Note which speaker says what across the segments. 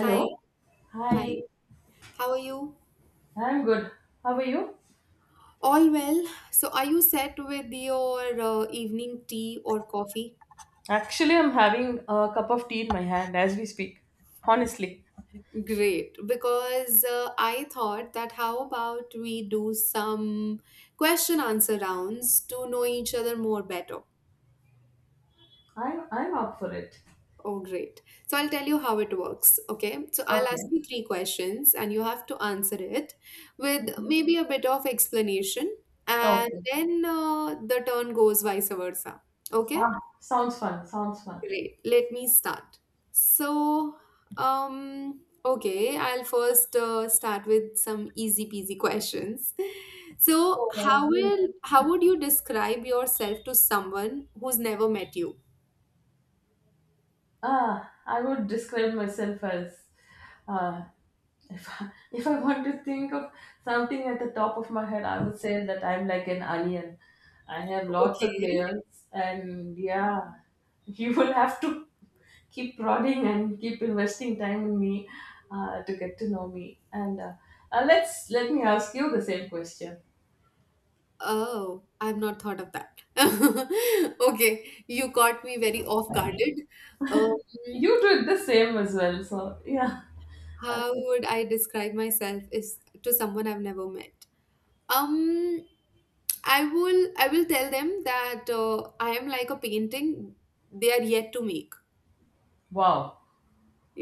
Speaker 1: Hi, hi.
Speaker 2: Hi.
Speaker 1: How are you?
Speaker 2: I'm good. How are you?
Speaker 1: All well. So, are you set with your evening tea or coffee?
Speaker 2: Actually, I'm having a cup of tea in my hand as we speak. Honestly.
Speaker 1: Great, because I thought that how about we do some question answer rounds to know each other more better.
Speaker 2: I'm up for it.
Speaker 1: Oh, great. So, I'll tell you how it works. Okay. So, I'll ask
Speaker 2: Okay.
Speaker 1: you three questions and you have to answer it with
Speaker 2: Mhm.
Speaker 1: maybe a bit of explanation, and
Speaker 2: Okay.
Speaker 1: then the turn goes vice versa. Okay.
Speaker 2: Ah, sounds fun. Sounds fun.
Speaker 1: Great. Let me start. So, okay, I'll first start with some easy peasy questions. So,
Speaker 2: So,
Speaker 1: how would you describe yourself to someone who's never met you?
Speaker 2: I would describe myself as uh, if I want to think of something at the top of my head, I would say that I'm like an onion. I have lots of
Speaker 1: Okay.
Speaker 2: layers, and yeah, you will have to keep prodding and keep investing time in me to get to know me. And let me ask you the same question.
Speaker 1: Oh, I've not thought of that. Okay, you caught me very off guarded. Um,
Speaker 2: You did the same as well, so yeah.
Speaker 1: how
Speaker 2: Okay.
Speaker 1: would I describe myself is to someone I've never met? um I will tell them that I am like a painting they are yet to make.
Speaker 2: Wow.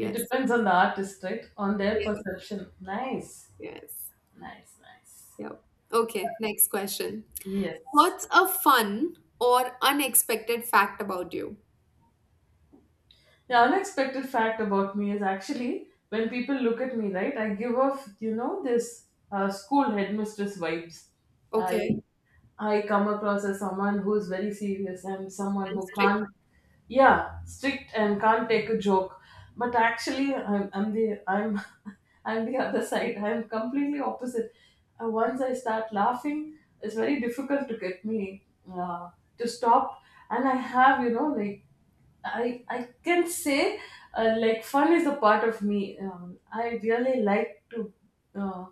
Speaker 2: It depends on the artist, right? On their
Speaker 1: yes,
Speaker 2: perception. Nice,
Speaker 1: yes,
Speaker 2: nice, nice.
Speaker 1: yep. Okay, next question.
Speaker 2: Yes.
Speaker 1: What's a fun or unexpected fact about you?
Speaker 2: The unexpected fact about me is actually when people look at me, right? I give off, you know, this school headmistress vibes. I
Speaker 1: Okay,
Speaker 2: I come across as someone who's very serious and someone who
Speaker 1: that's trick.
Speaker 2: can't, yeah, strict and can't take a joke. But actually, I'm the I'm I'm the other side. I'm completely opposite. Once I start laughing, it's very difficult to get me to stop. And I have, you know, like I can say like fun is a part of me. I really like uh,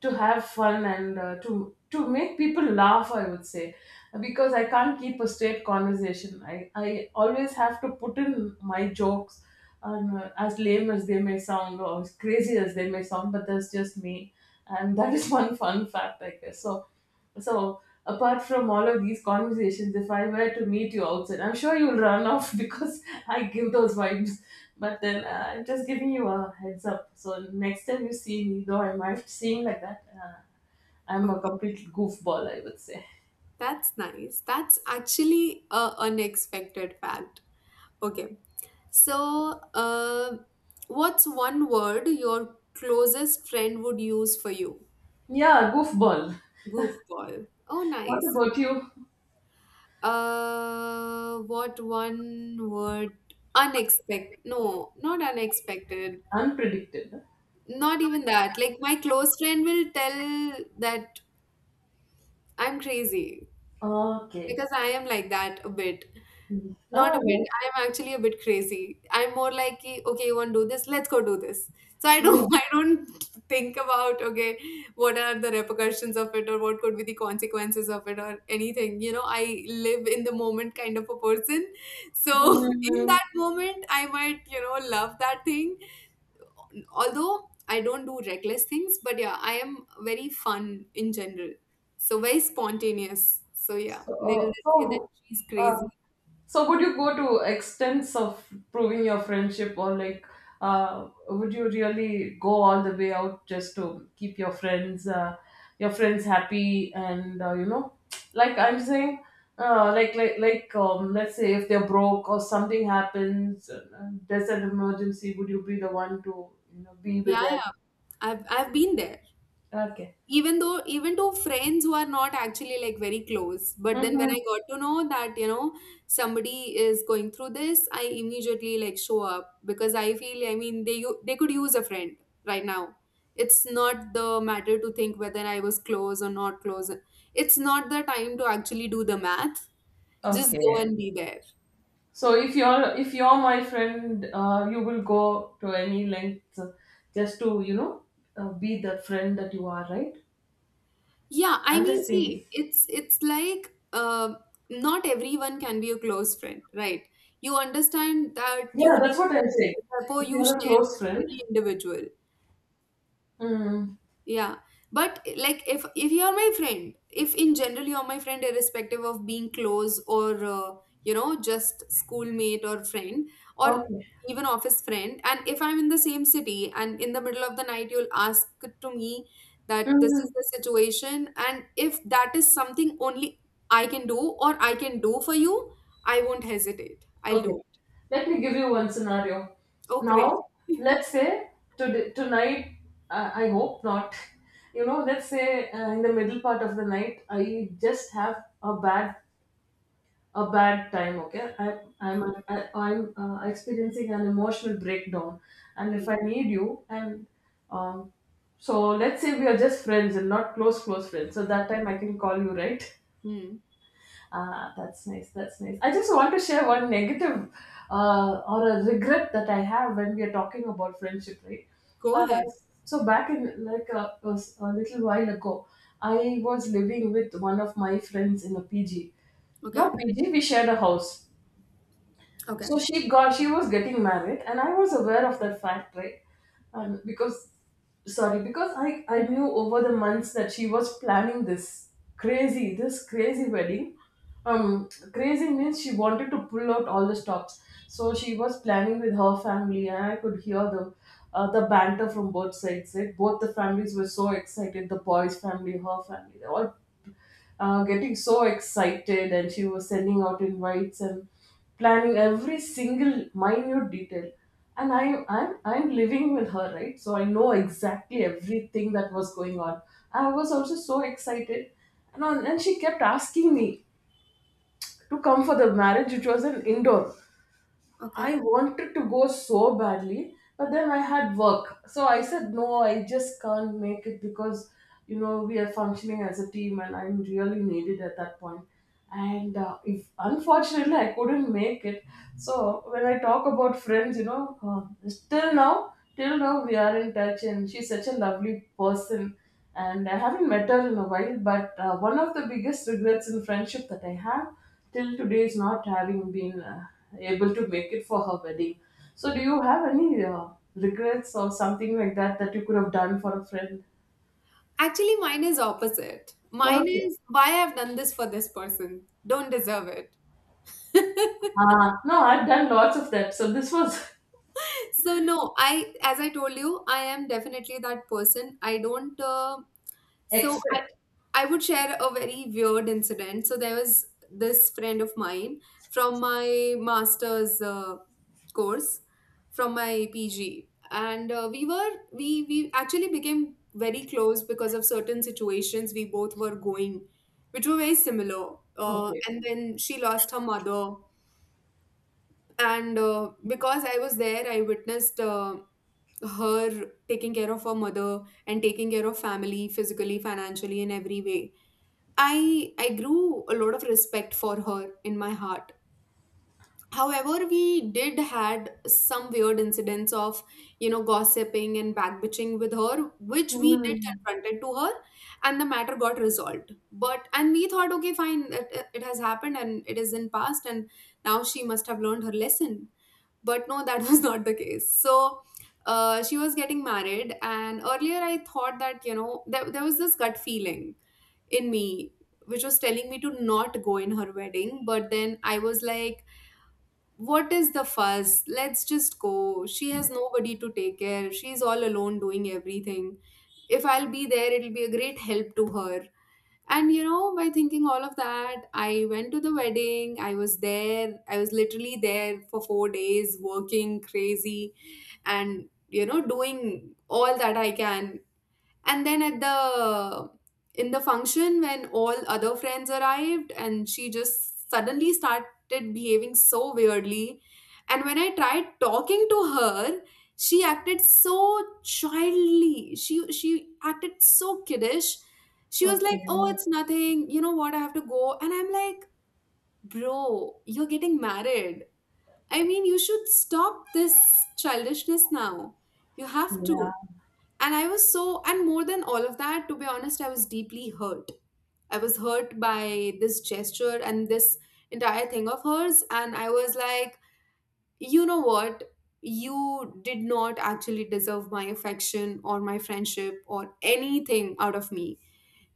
Speaker 2: to have fun and to make people laugh. I would say because I can't keep a straight conversation. I always have to put in my jokes. And as lame as they may sound or as crazy as they may sound, but that's just me, and that is one fun fact, I guess. So, apart from all of these conversations, if I were to meet you outside, I'm sure you'll run off because I give those vibes. But then I'm just giving you a heads up. So, next time you see me, though I might seem like that, I'm a
Speaker 1: Okay,
Speaker 2: complete goofball, I would say.
Speaker 1: that's nice. That's actually a unexpected fact. Okay, so uh, what's one word your closest friend would use for you?
Speaker 2: Yeah, goofball.
Speaker 1: Goofball. Oh,
Speaker 2: What
Speaker 1: nice.
Speaker 2: about you?
Speaker 1: What one word? Unexpected. No, not unexpected.
Speaker 2: Unpredicted.
Speaker 1: Not even that. Like my close friend will tell that I'm crazy
Speaker 2: Okay.
Speaker 1: because I am like that a bit. Not a
Speaker 2: All
Speaker 1: bit.
Speaker 2: right.
Speaker 1: I'm actually a bit crazy. I'm more like, कि, okay, you want to do this? Let's go do this. So I
Speaker 2: Yeah.
Speaker 1: don't, I don't think about, okay, what are the repercussions of it or what could be the consequences of it or anything. You know, I live in the moment kind of a person. So in
Speaker 2: Hmm.
Speaker 1: that moment, I might, you know, love that thing. Although I don't do reckless things, but yeah, I am very fun in general. So very spontaneous. So yeah,
Speaker 2: So,
Speaker 1: they'll
Speaker 2: uh,
Speaker 1: say that
Speaker 2: so,
Speaker 1: she's
Speaker 2: uh,
Speaker 1: crazy.
Speaker 2: So, would you go to extents of proving your friendship? Or like, would you really go all the way out just to keep your friends, your friends, happy? And you know, like I'm saying, let's say if they're broke or something happens, there's an emergency, would you be the one to, you know, be with
Speaker 1: Yeah,
Speaker 2: them?
Speaker 1: yeah. I've been there.
Speaker 2: Okay.
Speaker 1: Even though even to friends who are not actually like very close, but then when I
Speaker 2: Hmm.
Speaker 1: got to know that, you know, somebody is going through this, I immediately like show up because I feel I mean they could use a friend right now. It's not the matter to think whether I was close or not close. It's not the time to actually do the math. Just go
Speaker 2: Okay.
Speaker 1: and be there.
Speaker 2: So if you're my friend, you will go to any length just to, you know, be the friend that you are, right?
Speaker 1: Yeah, I
Speaker 2: I'm
Speaker 1: mean,
Speaker 2: just
Speaker 1: see,
Speaker 2: thinking.
Speaker 1: it's like not everyone can be a close friend, right? You understand that
Speaker 2: Yeah,
Speaker 1: tuning
Speaker 2: that's what I'm
Speaker 1: is
Speaker 2: saying.
Speaker 1: the rapport
Speaker 2: If
Speaker 1: you
Speaker 2: you're a
Speaker 1: share
Speaker 2: close
Speaker 1: with every
Speaker 2: friend,
Speaker 1: individual.
Speaker 2: mm,
Speaker 1: Yeah, but like if you are my friend, if in general you are my friend, irrespective of being close or you know, just schoolmate or friend or
Speaker 2: okay,
Speaker 1: even office friend, and if I'm in the same city and in the middle of the night you'll ask to me that this is
Speaker 2: mm,
Speaker 1: the situation, and if that is something only I can do or I can do for you, I won't hesitate. I'll
Speaker 2: okay.
Speaker 1: do it.
Speaker 2: Let me give you one scenario.
Speaker 1: Oh, great.
Speaker 2: Now, let's say today, tonight. I hope not. You know, let's say in the middle part of the night, I just have a bad, time. Okay. i i'm
Speaker 1: Mhm.
Speaker 2: I, i'm uh, experiencing an emotional breakdown, and if
Speaker 1: Hmm.
Speaker 2: I need you. And um so let's say we are just friends and not close friends, so that time I can call you, right?
Speaker 1: Hmm.
Speaker 2: Ah, that's nice, that's nice. I just want to share one negative, or a regret that I have when we are talking about friendship, right?
Speaker 1: Go
Speaker 2: uh,
Speaker 1: ahead.
Speaker 2: so back in like a little while ago, I was living with one of my friends in a pg.
Speaker 1: Okay.
Speaker 2: Not PG, we shared a house.
Speaker 1: Okay.
Speaker 2: So she was getting married, and I was aware of that fact, right? Um, because because I knew over the months that she was planning this crazy wedding. Crazy means she wanted to pull out all the stops. So she was planning with her family, and I could hear the the banter from both sides. Right? Both the families were so excited. The boys' family, her family, they all getting so excited, and she was sending out invites and planning every single minute detail, and I'm living with her, right? So I know exactly everything that was going on. I was also so excited, and she kept asking me to come for the marriage, which was an indoor. I
Speaker 1: Okay.
Speaker 2: wanted to go so badly, but then I had work. So I said, no, I just can't make it because, you know, we are functioning as a team and I'm really needed at that point. And if unfortunately I couldn't make it, so when I talk about friends, you know, till now, we are in touch, and she's such a lovely person. And I haven't met her in a while, but one of the biggest regrets in friendship that I have till today is not having been able to make it for her wedding. So, do you have any regrets or something like that that you could have done for a friend?
Speaker 1: Actually, mine is opposite. Mine
Speaker 2: Okay.
Speaker 1: is why I've done this for this person. Don't deserve it.
Speaker 2: No, I've done lots of that. So, this was
Speaker 1: So no, I as I told you, I am definitely that person. I don't So
Speaker 2: expect.
Speaker 1: I would share a very weird incident. So there was this friend of mine from my master's course, from my PG, and we were we actually became very close because of certain situations we both were going, which were very similar.
Speaker 2: Okay.
Speaker 1: And then she lost her mother, and because I was there, I witnessed. Her taking care of her mother and taking care of family physically financially in every way I grew a lot of respect for her in my heart. However, we did had some weird incidents of, you know, gossiping and backbitching with her, which we did
Speaker 2: Hmm.
Speaker 1: confronted to her, and the matter got resolved. But and we thought, okay, fine, it has happened and it is in past, and now she must have learned her lesson. But no, that was not the case. So. She was getting married, and earlier I thought that you know there was this gut feeling in me which was telling me to not go in her wedding, but then I was like, what is the fuss, let's just go, she has nobody to take care, she's all alone doing everything, if I'll be there it'll be a great help to her. And you know, by thinking all of that, I went to the wedding. I was there. I was literally there for 4 days working crazy and you know doing all that I can. And then at the in the function when all other friends arrived, and she just suddenly started behaving so weirdly. And when I tried talking to her, she acted so childly, she acted so kiddish. She was like,
Speaker 2: Okay.
Speaker 1: oh, it's nothing, you know what, I have to go. And I'm like, bro, you're getting married. I mean, you should stop this childishness now. You have
Speaker 2: Yeah.
Speaker 1: to. And I was so, and more than all of that, to be honest, I was deeply hurt. I was hurt by this gesture and this entire thing of hers. And I was like, you know what? You did not actually deserve my affection or my friendship or anything out of me.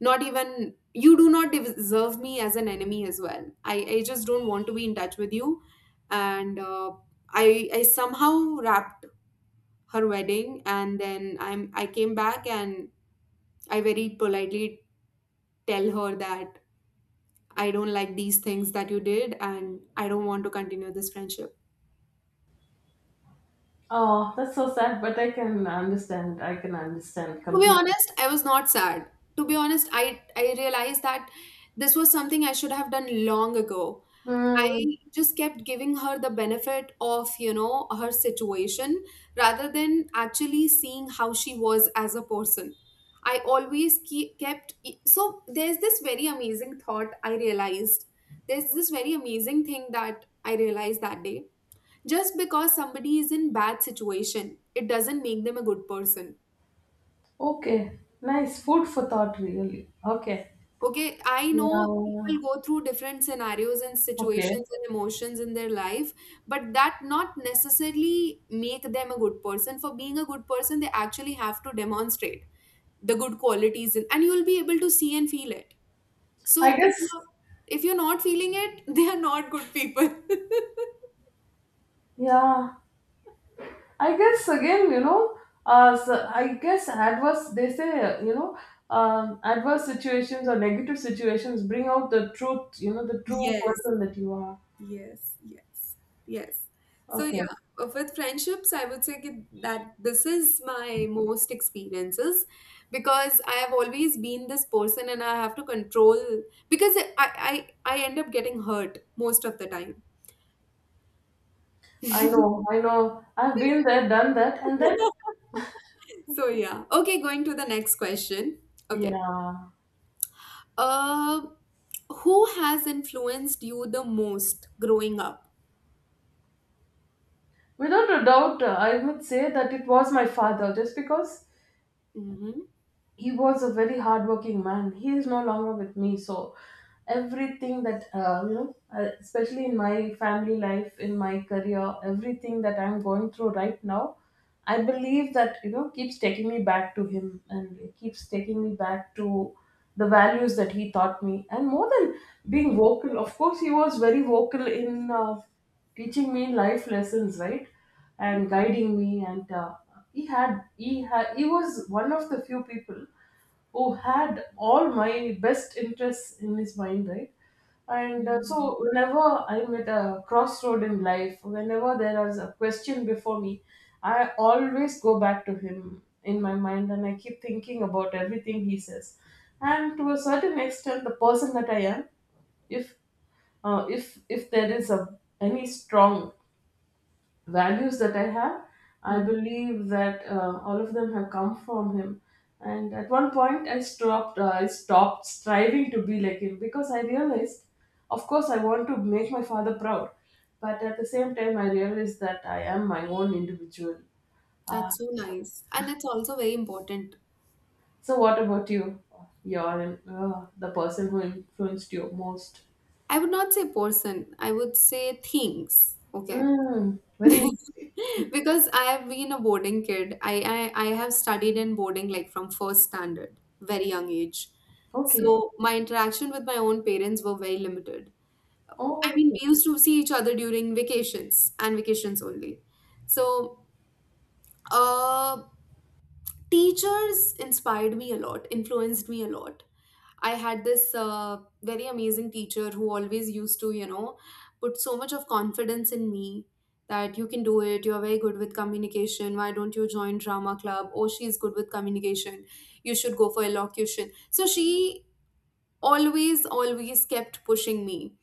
Speaker 1: Not even, you do not deserve me as an enemy as well. I just don't want to be in touch with you. And I somehow wrapped her wedding and then I came back, and I very politely tell her that I don't like these things that you did and I don't want to continue this friendship.
Speaker 2: Oh, that's so sad, but I can understand. I can understand
Speaker 1: To be
Speaker 2: completely.
Speaker 1: honest, I was not sad. To be honest, I realized that this was something I should have done long ago.
Speaker 2: Hmm.
Speaker 1: I just kept giving her the benefit of, you know, her situation rather than actually seeing how she was as a person. I always keep, kept. E, So there's this very amazing thought I realized. There's this very amazing thing that I realized that day. Just because somebody is in bad situation, it doesn't make them a good person.
Speaker 2: Okay. Nice food for thought, really. Okay.
Speaker 1: Okay, I know
Speaker 2: Yeah.
Speaker 1: people go through different scenarios and
Speaker 2: Okay.
Speaker 1: situations and emotions in their life, but that not necessarily make them a good person. For being a good person, they actually have to demonstrate the good qualities in, and you'll be able to see and feel it.
Speaker 2: I
Speaker 1: So
Speaker 2: guess.
Speaker 1: if you're not feeling it, they are not good people.
Speaker 2: Yeah. I guess again, you know, so I guess adverse, they say, adverse situations or negative situations bring out the truth, you know, the true
Speaker 1: Yes.
Speaker 2: person that you are.
Speaker 1: Yes, yes, yes. So
Speaker 2: Okay,
Speaker 1: yeah, with friendships, I would say ki- that this is my most experiences because I have always been this person and I have to control because I end up getting hurt most of the time.
Speaker 2: I know, I've been there, done that, and then,
Speaker 1: So yeah. Okay, going to the next question. Okay.
Speaker 2: yeah,
Speaker 1: Uh, who has influenced you the most growing up?
Speaker 2: without a doubt, I would say that it was my father, just because he was a very hardworking man. He is no longer with me, so everything that especially in my family life, in my career, everything that I'm going through right now, I believe that, you know, keeps taking me back to him, and it keeps taking me back to the values that he taught me, and more than being vocal. Of course, he was very vocal in teaching me life lessons, right? And guiding me. And he was one of the few people who had all my best interests in his mind, right? And so,
Speaker 1: Mm-hmm.
Speaker 2: whenever I'm at a crossroad in life, whenever there is a question before me, I always go back to him in my mind, and I keep thinking about everything he says. And to a certain extent, the person that I am, if if there is a any strong values that I have, I believe that all of them have come from him. And at one point, I stopped. I stopped striving to be like him because I realized, of course, I want to make my father proud, but at the same time, I realized that I am my own individual.
Speaker 1: That's so
Speaker 2: So,
Speaker 1: nice. And it's also very important.
Speaker 2: so, what about you? You're the person who influenced you most.
Speaker 1: I would not say person, I would say things. Okay.
Speaker 2: Mm, very interesting.
Speaker 1: Because I have been a boarding kid. I have studied in boarding like from first standard, very young age.
Speaker 2: Okay.
Speaker 1: So my interaction with my own parents were very limited. I
Speaker 2: Oh,
Speaker 1: mean,
Speaker 2: okay.
Speaker 1: we used to see each other during vacations and vacations only. So, uh, teachers inspired me a lot, influenced me a lot. I had this very amazing teacher who always used to, you know, put so much of confidence in me that you can do it. You're very good with communication. Why don't you join drama club? Oh, she's good with communication. You should go for elocution. So she always, always kept pushing me.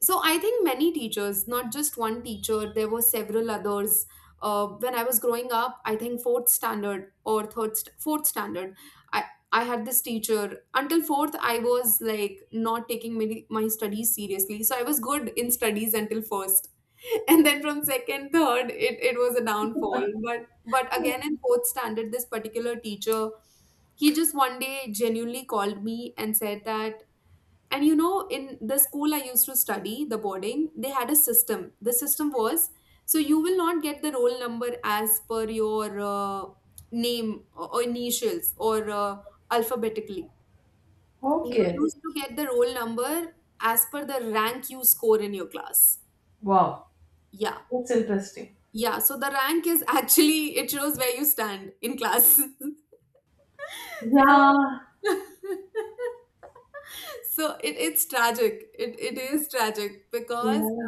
Speaker 1: So I think many teachers, not just one teacher, there were several others. Uh, when I was growing up, I think fourth standard or fourth standard, I had this teacher until fourth. I was like not taking my studies seriously. So I was good in studies until first and then from second third it was a downfall. But again in fourth standard, this particular teacher, he just one day genuinely called me and said that. And you know, in the school I used to study, the boarding, they had a system. The system was so you will not get the roll number as per your name or initials or alphabetically. You
Speaker 2: Okay.
Speaker 1: used to get the roll number as per the rank you score in your class.
Speaker 2: Wow.
Speaker 1: Yeah.
Speaker 2: That's interesting.
Speaker 1: Yeah. So the rank is actually, it shows where you stand in class. So.
Speaker 2: Yeah.
Speaker 1: So it's tragic it is tragic because
Speaker 2: Yeah.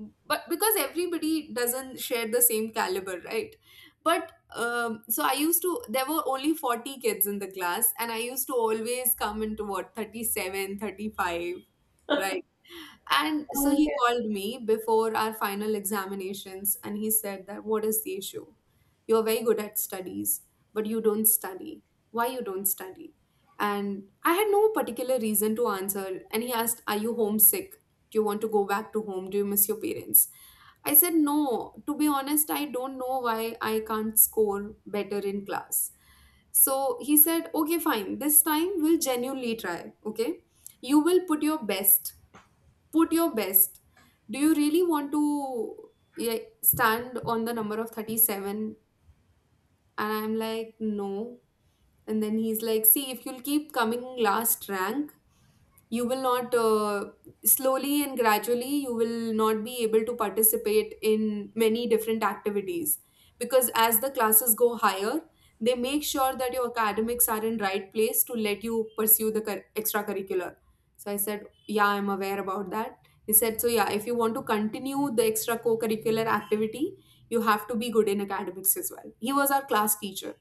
Speaker 1: but because everybody doesn't share the same caliber, right? But um, so i used to, there were only 40 kids in the class, and I used to always come into, what, 37, 35, right? And so he
Speaker 2: Okay.
Speaker 1: called me before our final examinations and he said that, what is the issue? You're very good at studies, but you don't study. Why you don't study? And I had no particular reason to answer. And he asked, are you homesick? Do you want to go back to home? Do you miss your parents? I said, no, to be honest, I don't know why I can't score better in class. So he said, okay, fine. This time we'll genuinely try. Okay. You will put your best, put your best, do you really want to, yeah, stand on the number of 37? And I'm like, no. And then he's like, see, if you'll keep coming last rank, you will not slowly and gradually, you will not be able to participate in many different activities, because as the classes go higher, they make sure that your academics are in right place to let you pursue the extracurricular. So I said, yeah, I'm aware about that. He said, so yeah, if you want to continue the extra co-curricular activity, you have to be good in academics as well. He was our class teacher.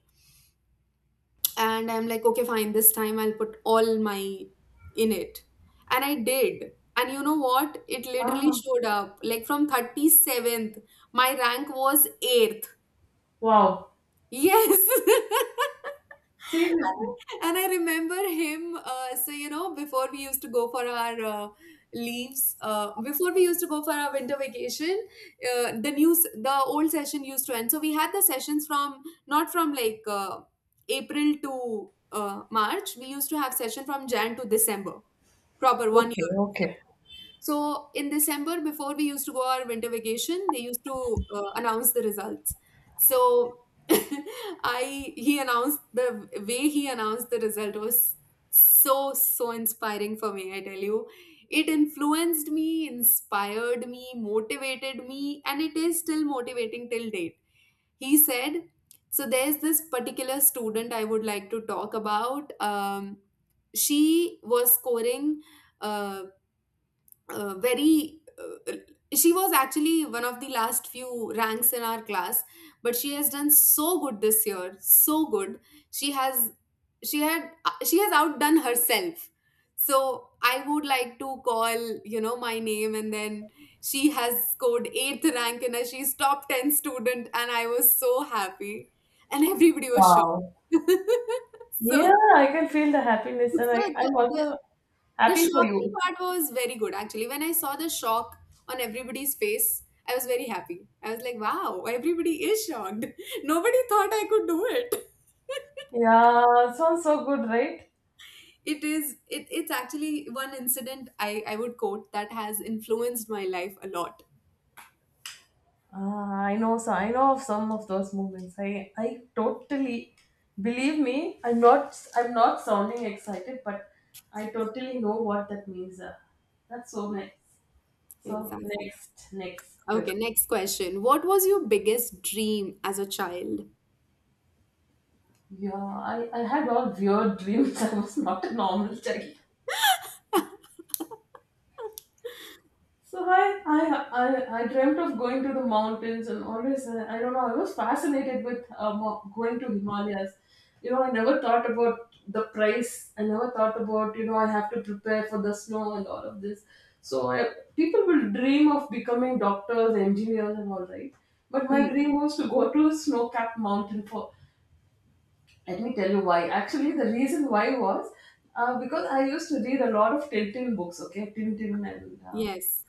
Speaker 1: And I'm like, okay, fine, this time I'll put all my in it. And I did. And you know what, it literally
Speaker 2: Ah,
Speaker 1: showed up, like from 37th my rank was 8th.
Speaker 2: wow.
Speaker 1: Yes.
Speaker 2: Seriously.
Speaker 1: And I remember him. You know, before we used to go for our leaves, before we used to go for our winter vacation, the news, the old session used to end. So we had the sessions from, not from like April to March. We used to have session from Jan to December, proper one
Speaker 2: Okay,
Speaker 1: year.
Speaker 2: okay.
Speaker 1: So in December, before we used to go our winter vacation, they used to announce the results. So I, he announced, the way he announced the result was so so inspiring for me. I tell you, it influenced me, inspired me, motivated me, and it is still motivating till date. He said, "So there's this particular student I would like to talk about. She was scoring, uh, very, she was actually one of the last few ranks in our class, but she has done so good this year, so good, she has she has outdone herself. So I would like to call, you know, my name. And then she has scored 8th rank in a, she's top 10 student." And I was so happy and everybody was
Speaker 2: Wow.
Speaker 1: shocked. So,
Speaker 2: Yeah, I can feel the happiness, and
Speaker 1: so
Speaker 2: I,
Speaker 1: the,
Speaker 2: I'm
Speaker 1: the
Speaker 2: also
Speaker 1: the
Speaker 2: happy for
Speaker 1: shocking
Speaker 2: you.
Speaker 1: part was very good actually. When I saw the shock on everybody's face, I was very happy. I was like, wow, everybody is shocked. Nobody thought I could do it.
Speaker 2: Yeah, sounds so good, right?
Speaker 1: It's actually one incident I would quote that has influenced my life a lot.
Speaker 2: Ah, I know of some of those moments. I totally Believe me, I'm not sounding excited, but I totally know what that means. That's so
Speaker 1: Yeah,
Speaker 2: nice. So,
Speaker 1: exactly.
Speaker 2: next
Speaker 1: Okay,
Speaker 2: question.
Speaker 1: next question. What was your biggest dream as a child?
Speaker 2: Yeah, I had all weird dreams. I was not a normal child. So I dreamt of going to the mountains, and always I don't know, I was fascinated with going to Himalayas. You know, I never thought about the price. I never thought about, you know, I have to prepare for the snow and all of this. So I, people will dream of becoming doctors, engineers, and all, right? But
Speaker 1: Hmm.
Speaker 2: my dream was to go to a snow-capped mountain for. Let me tell you why. Actually, the reason why was because I used to read a lot of Tintin books. Okay, Tintin and.
Speaker 1: Yes.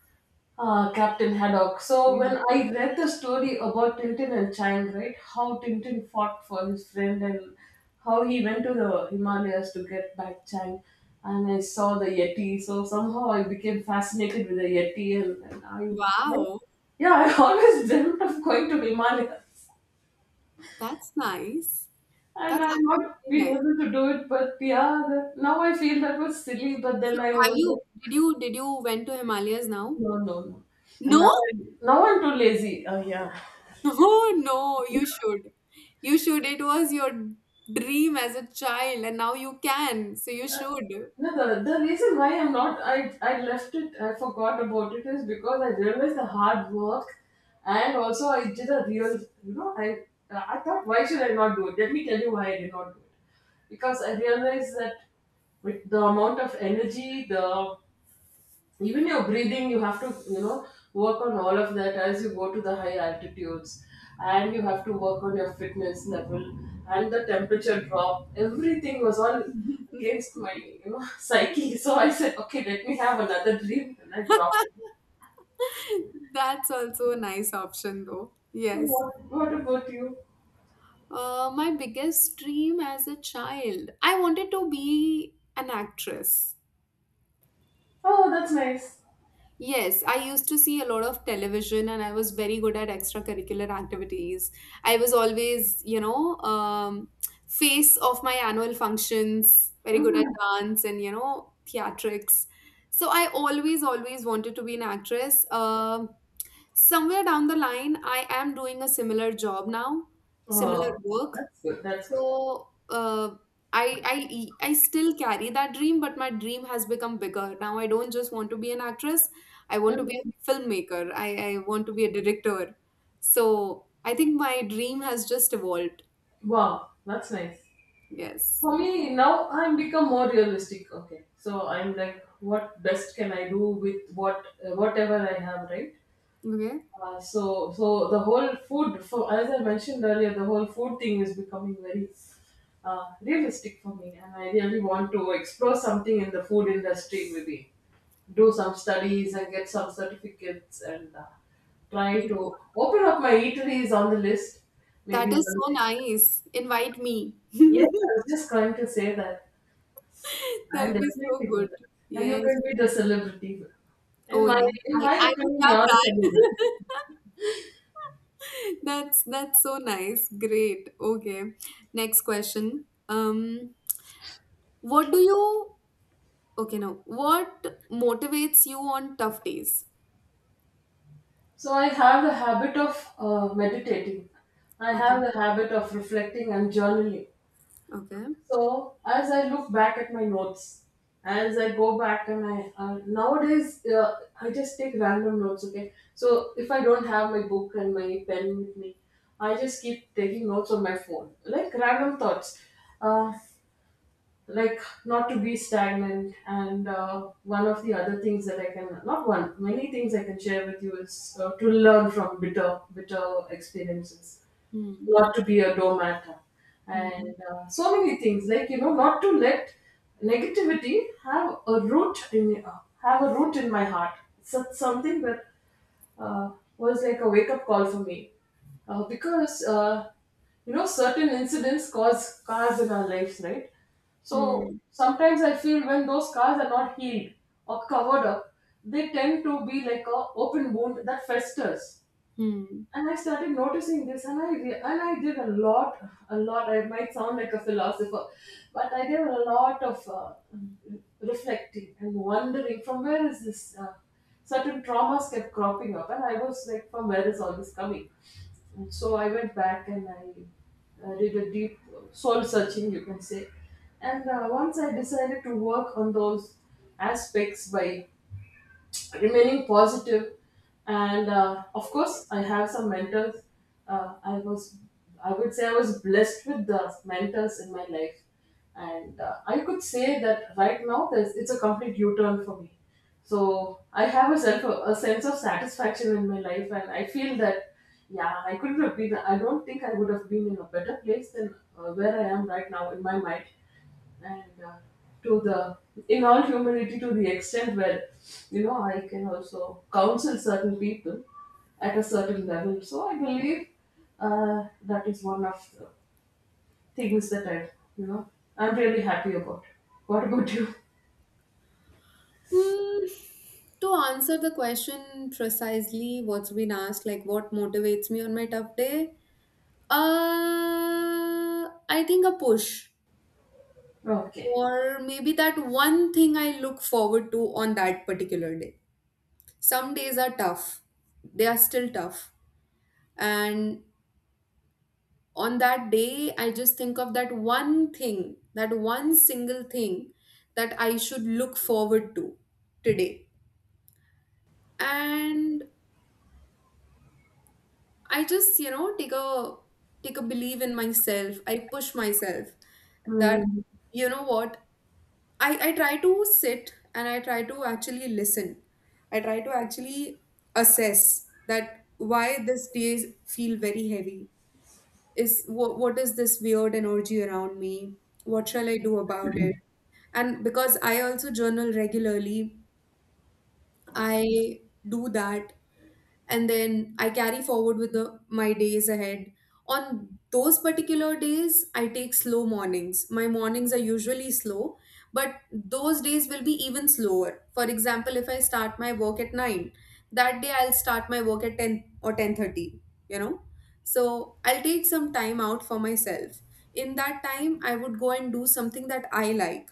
Speaker 2: Ah, Captain Haddock. So
Speaker 1: Mm.
Speaker 2: when I read the story about Tintin and Chang, right, how Tintin fought for his friend and how he went to the Himalayas to get back Chang, and I saw the Yeti. So somehow I became fascinated with the Yeti,
Speaker 1: Wow,
Speaker 2: yeah, I always dreamt of going to Himalayas.
Speaker 1: that's nice.
Speaker 2: And
Speaker 1: That's
Speaker 2: I've
Speaker 1: actually
Speaker 2: not been
Speaker 1: very nice.
Speaker 2: able to do it, but yeah, that, now I feel that was silly. But
Speaker 1: So
Speaker 2: then I
Speaker 1: have
Speaker 2: was
Speaker 1: you,
Speaker 2: like,
Speaker 1: did you went to Himalayas now?
Speaker 2: no, no, no. And now
Speaker 1: No?
Speaker 2: I'm now I'm too lazy. Oh yeah.
Speaker 1: Oh no, you should. You should. It was your dream as a child and now you can. So you should.
Speaker 2: No, the reason why I'm not, I left it, I forgot about it is because I realized the hard work. And also, I did a real, you know, I thought, why should I not do it? Let me tell you why I did not do it. Because I realized that with the amount of energy, the even your breathing you have to work on all of that as you go to the high altitudes, and you have to work on your fitness level and the temperature drop, everything was all against my psyche. So I said, okay, let me have another dream, and I dropped.
Speaker 1: That's also a nice option though.
Speaker 2: "Oh,
Speaker 1: Yes.
Speaker 2: what about you?
Speaker 1: My biggest dream as a child, I wanted to be an actress.
Speaker 2: Oh, that's nice.
Speaker 1: Yes, I used to see a lot of television and I was very good at extracurricular activities. I was always, you know, face of my annual functions, very good at
Speaker 2: Hmm.
Speaker 1: dance and, you know, theatrics. So I always, always wanted to be an actress. Somewhere down the line, I am doing a similar job now, similar
Speaker 2: Oh,
Speaker 1: work.
Speaker 2: that's good, that's good.
Speaker 1: So I still carry that dream, but my dream has become bigger. Now I don't just want to be an actress. I want to
Speaker 2: Mhm.
Speaker 1: be a filmmaker. I want to be a director. So I think my dream has just evolved.
Speaker 2: Wow, that's nice.
Speaker 1: Yes.
Speaker 2: For me, now I'm become more realistic. Okay, so I'm like, what best can I do with what whatever I have, right?
Speaker 1: Okay.
Speaker 2: So the whole food, for as I mentioned earlier, the whole food thing is becoming very realistic for me, and I really want to explore something in the food industry. Maybe do some studies and get some certificates, and try to open up my eateries on the list.
Speaker 1: That
Speaker 2: Maybe one
Speaker 1: is so
Speaker 2: day.
Speaker 1: nice. Invite me.
Speaker 2: Yes, I was just going to say that. I'll
Speaker 1: That'll be so
Speaker 2: definitely do
Speaker 1: good.
Speaker 2: that. And you
Speaker 1: Yes.
Speaker 2: can be the celebrity.
Speaker 1: Oh
Speaker 2: In my
Speaker 1: yeah.
Speaker 2: in my
Speaker 1: I would
Speaker 2: opinion,
Speaker 1: love
Speaker 2: you're a celebrity.
Speaker 1: that. That's so nice. Great. Okay. Next question. What do you, okay, now, what motivates you on tough days?
Speaker 2: So I have the habit of meditating. I have
Speaker 1: Okay,
Speaker 2: the habit of reflecting and journaling.
Speaker 1: okay.
Speaker 2: So as I look back at my notes, as I go back, and I nowadays I just take random notes. Okay, so if I don't have my book and my pen with me, I just keep taking notes on my phone, like random thoughts. Uh, like not to be stagnant, and one of the other things that I can, not one, many things I can share with you is to learn from bitter experiences,
Speaker 1: Hmm,
Speaker 2: not to be a doormat,
Speaker 1: hmm,
Speaker 2: and so many things, like not to let negativity have a root in have a root in my heart. Such something that uh, was like a wake up call for me, because certain incidents cause scars in our lives, right? So
Speaker 1: hmm,
Speaker 2: sometimes I feel when those scars are not healed or covered up, they tend to be like a open wound that festers.
Speaker 1: hmm.
Speaker 2: And I started noticing this, and and I did a lot, a lot. I might sound like a philosopher, but I did a lot of reflecting and wondering from where is this. Certain traumas kept cropping up, and I was like, from where is all this coming? And so I went back, and I did a deep soul searching, you can say. And once I decided to work on those aspects by remaining positive, and of course I have some mentors. uh, i was I would say I was blessed with the mentors in my life. And I could say that right now there's, it's a complete u-turn for me. So I have a, self, a sense of satisfaction in my life, and I feel that, yeah, I couldn't have been, I don't think I would have been in a better place than where I am right now in my mind. And to the, in all humility, to the extent where I can also counsel certain people at a certain level. So I believe that is one of the things that I, you know I'm really happy about. What about you?
Speaker 1: Hmm. To answer the question precisely, what's been asked, like what motivates me on my tough day? I think a push,
Speaker 2: Okay.
Speaker 1: or maybe that one thing I look forward to on that particular day. Some days are tough, they are still tough. And on that day, I just think of that one thing, that one single thing that I should look forward to today. And I just, you know, take a, take a belief in myself, I push myself that,
Speaker 2: Hmm.
Speaker 1: you know what, I try to sit and I try to actually listen, I try to actually assess that why this day feel very heavy, is, what is this weird energy around me? What shall I do about it? And because I also journal regularly, I do that, and then I carry forward with the my days ahead. On those particular days, I take slow mornings. My mornings are usually slow, but those days will be even slower. For example, if I start my work at 9, that day I'll start my work at 10 or 10:30, you know? So, I'll take some time out for myself. In that time, I would go and do something that I like,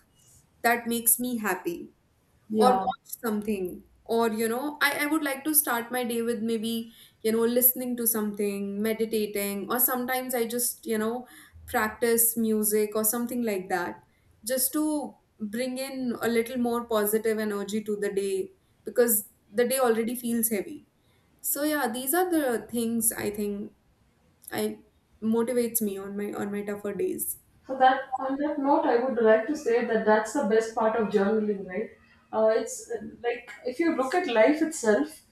Speaker 1: that makes me happy, or
Speaker 2: Yeah.
Speaker 1: watch something, or, you know, I would like to start my day with maybe, you know, listening to something, meditating, or sometimes I just, you know, practice music or something like that, just to bring in a little more positive energy to the day, because the day already feels heavy. So yeah, these are the things, I think, I motivates me on my tougher days.
Speaker 2: So that on that note, I would like to say that that's the best part of journaling, right? It's like if you look at life itself,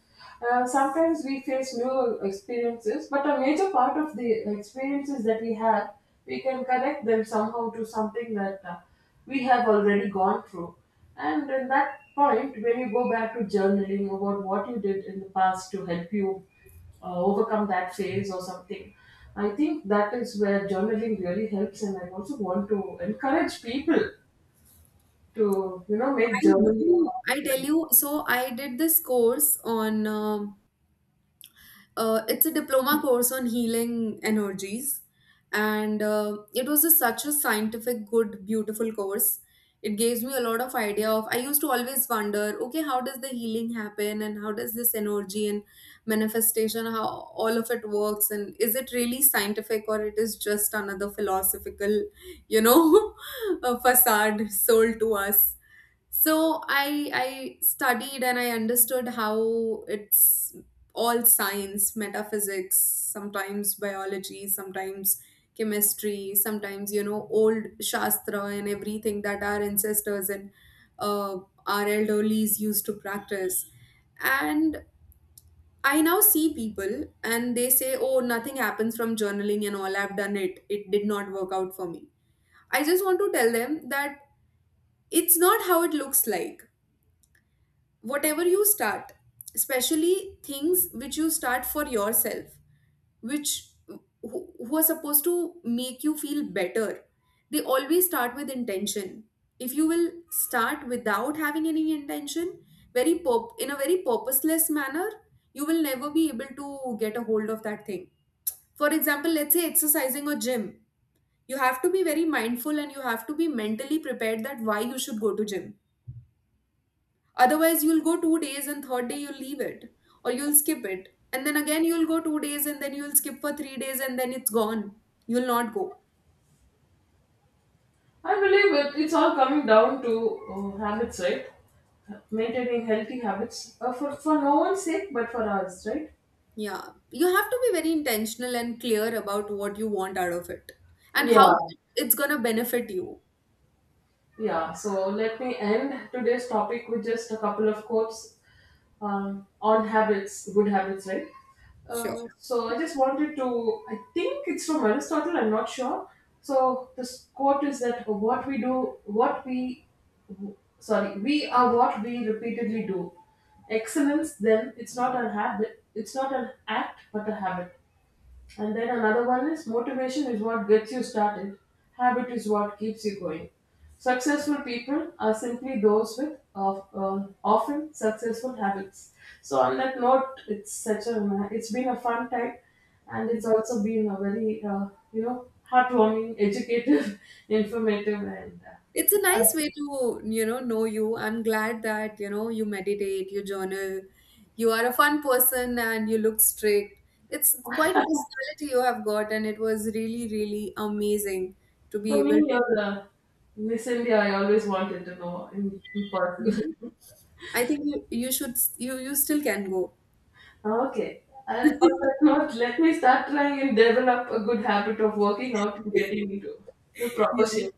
Speaker 2: sometimes we face new experiences, but a major part of the experiences that we have, we can connect them somehow to something that we have already gone through. And in that point, when you go back to journaling about what you did in the past to help you overcome that phase or something. I think that is where journaling really helps, and I also want to encourage people to make
Speaker 1: I
Speaker 2: journaling.
Speaker 1: do. I
Speaker 2: A
Speaker 1: tell
Speaker 2: habit.
Speaker 1: you, so I did this course on it's a diploma course on healing energies, and it was a, such a scientific, good, beautiful course. It gives me a lot of idea of. I used to always wonder, okay, how does the healing happen, and how does this energy and manifestation, how all of it works, and is it really scientific or it is just another philosophical, you know, a facade sold to us? So I studied and I understood how it's all science, metaphysics, sometimes biology, sometimes chemistry, sometimes, you know, old shastra and everything that our ancestors and uh, our elderlies used to practice. And I now see people and they say, "Oh, nothing happens from journaling and all. I've done it. It did not work out for me." I just want to tell them that it's not how it looks like. Whatever you start, especially things which you start for yourself, which who are supposed to make you feel better, they always start with intention. If you will start without having any intention, very pop in a very purposeless manner, you will never be able to get a hold of that thing. For example, let's say exercising or gym, you have to be very mindful and you have to be mentally prepared that why you should go to gym. Otherwise, you'll go 2 days and third day you'll leave it or you'll skip it. And then again, you'll go 2 days and then you'll skip for 3 days and then it's gone. You'll not go.
Speaker 2: I believe it's all coming down to habits, right? Maintaining healthy habits, for no one's sake, but for us, right?
Speaker 1: Yeah. You have to be very intentional and clear about what you want out of it and how
Speaker 2: Yeah,
Speaker 1: it's going to benefit you.
Speaker 2: yeah. So let me end today's topic with just a couple of quotes. On habits, good habits, right?
Speaker 1: Sure.
Speaker 2: So I just wanted to, I think it's from Aristotle, I'm not sure. So this quote is that what we do, what we, sorry, we are what we repeatedly do. Excellence, then, it's not a habit, it's not an act, but a habit. And then another one is, motivation is what gets you started, habit is what keeps you going. Successful people are simply those with of, often successful habits. So on that note, it's such a, it's been a fun time, and it's also been a very you know heartwarming, educative, informative, and
Speaker 1: It's a nice way to, you know you. I'm glad that, you know, you meditate, you journal, you are a fun person and you look strict. It's quite a personality you have got, and it was really, really amazing to be
Speaker 2: for
Speaker 1: able
Speaker 2: me,
Speaker 1: to,
Speaker 2: you're the Miss India I always wanted to know in person.
Speaker 1: really. I think you, you should you still can go.
Speaker 2: Ah, okay. On that note, let me start trying and develop a good habit of working out and getting into the proper
Speaker 1: Yeah,
Speaker 2: shape.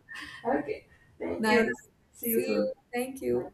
Speaker 2: Okay. Thank you.
Speaker 1: nice.
Speaker 2: See you
Speaker 1: See
Speaker 2: soon.
Speaker 1: you. Thank
Speaker 2: Bye.
Speaker 1: you.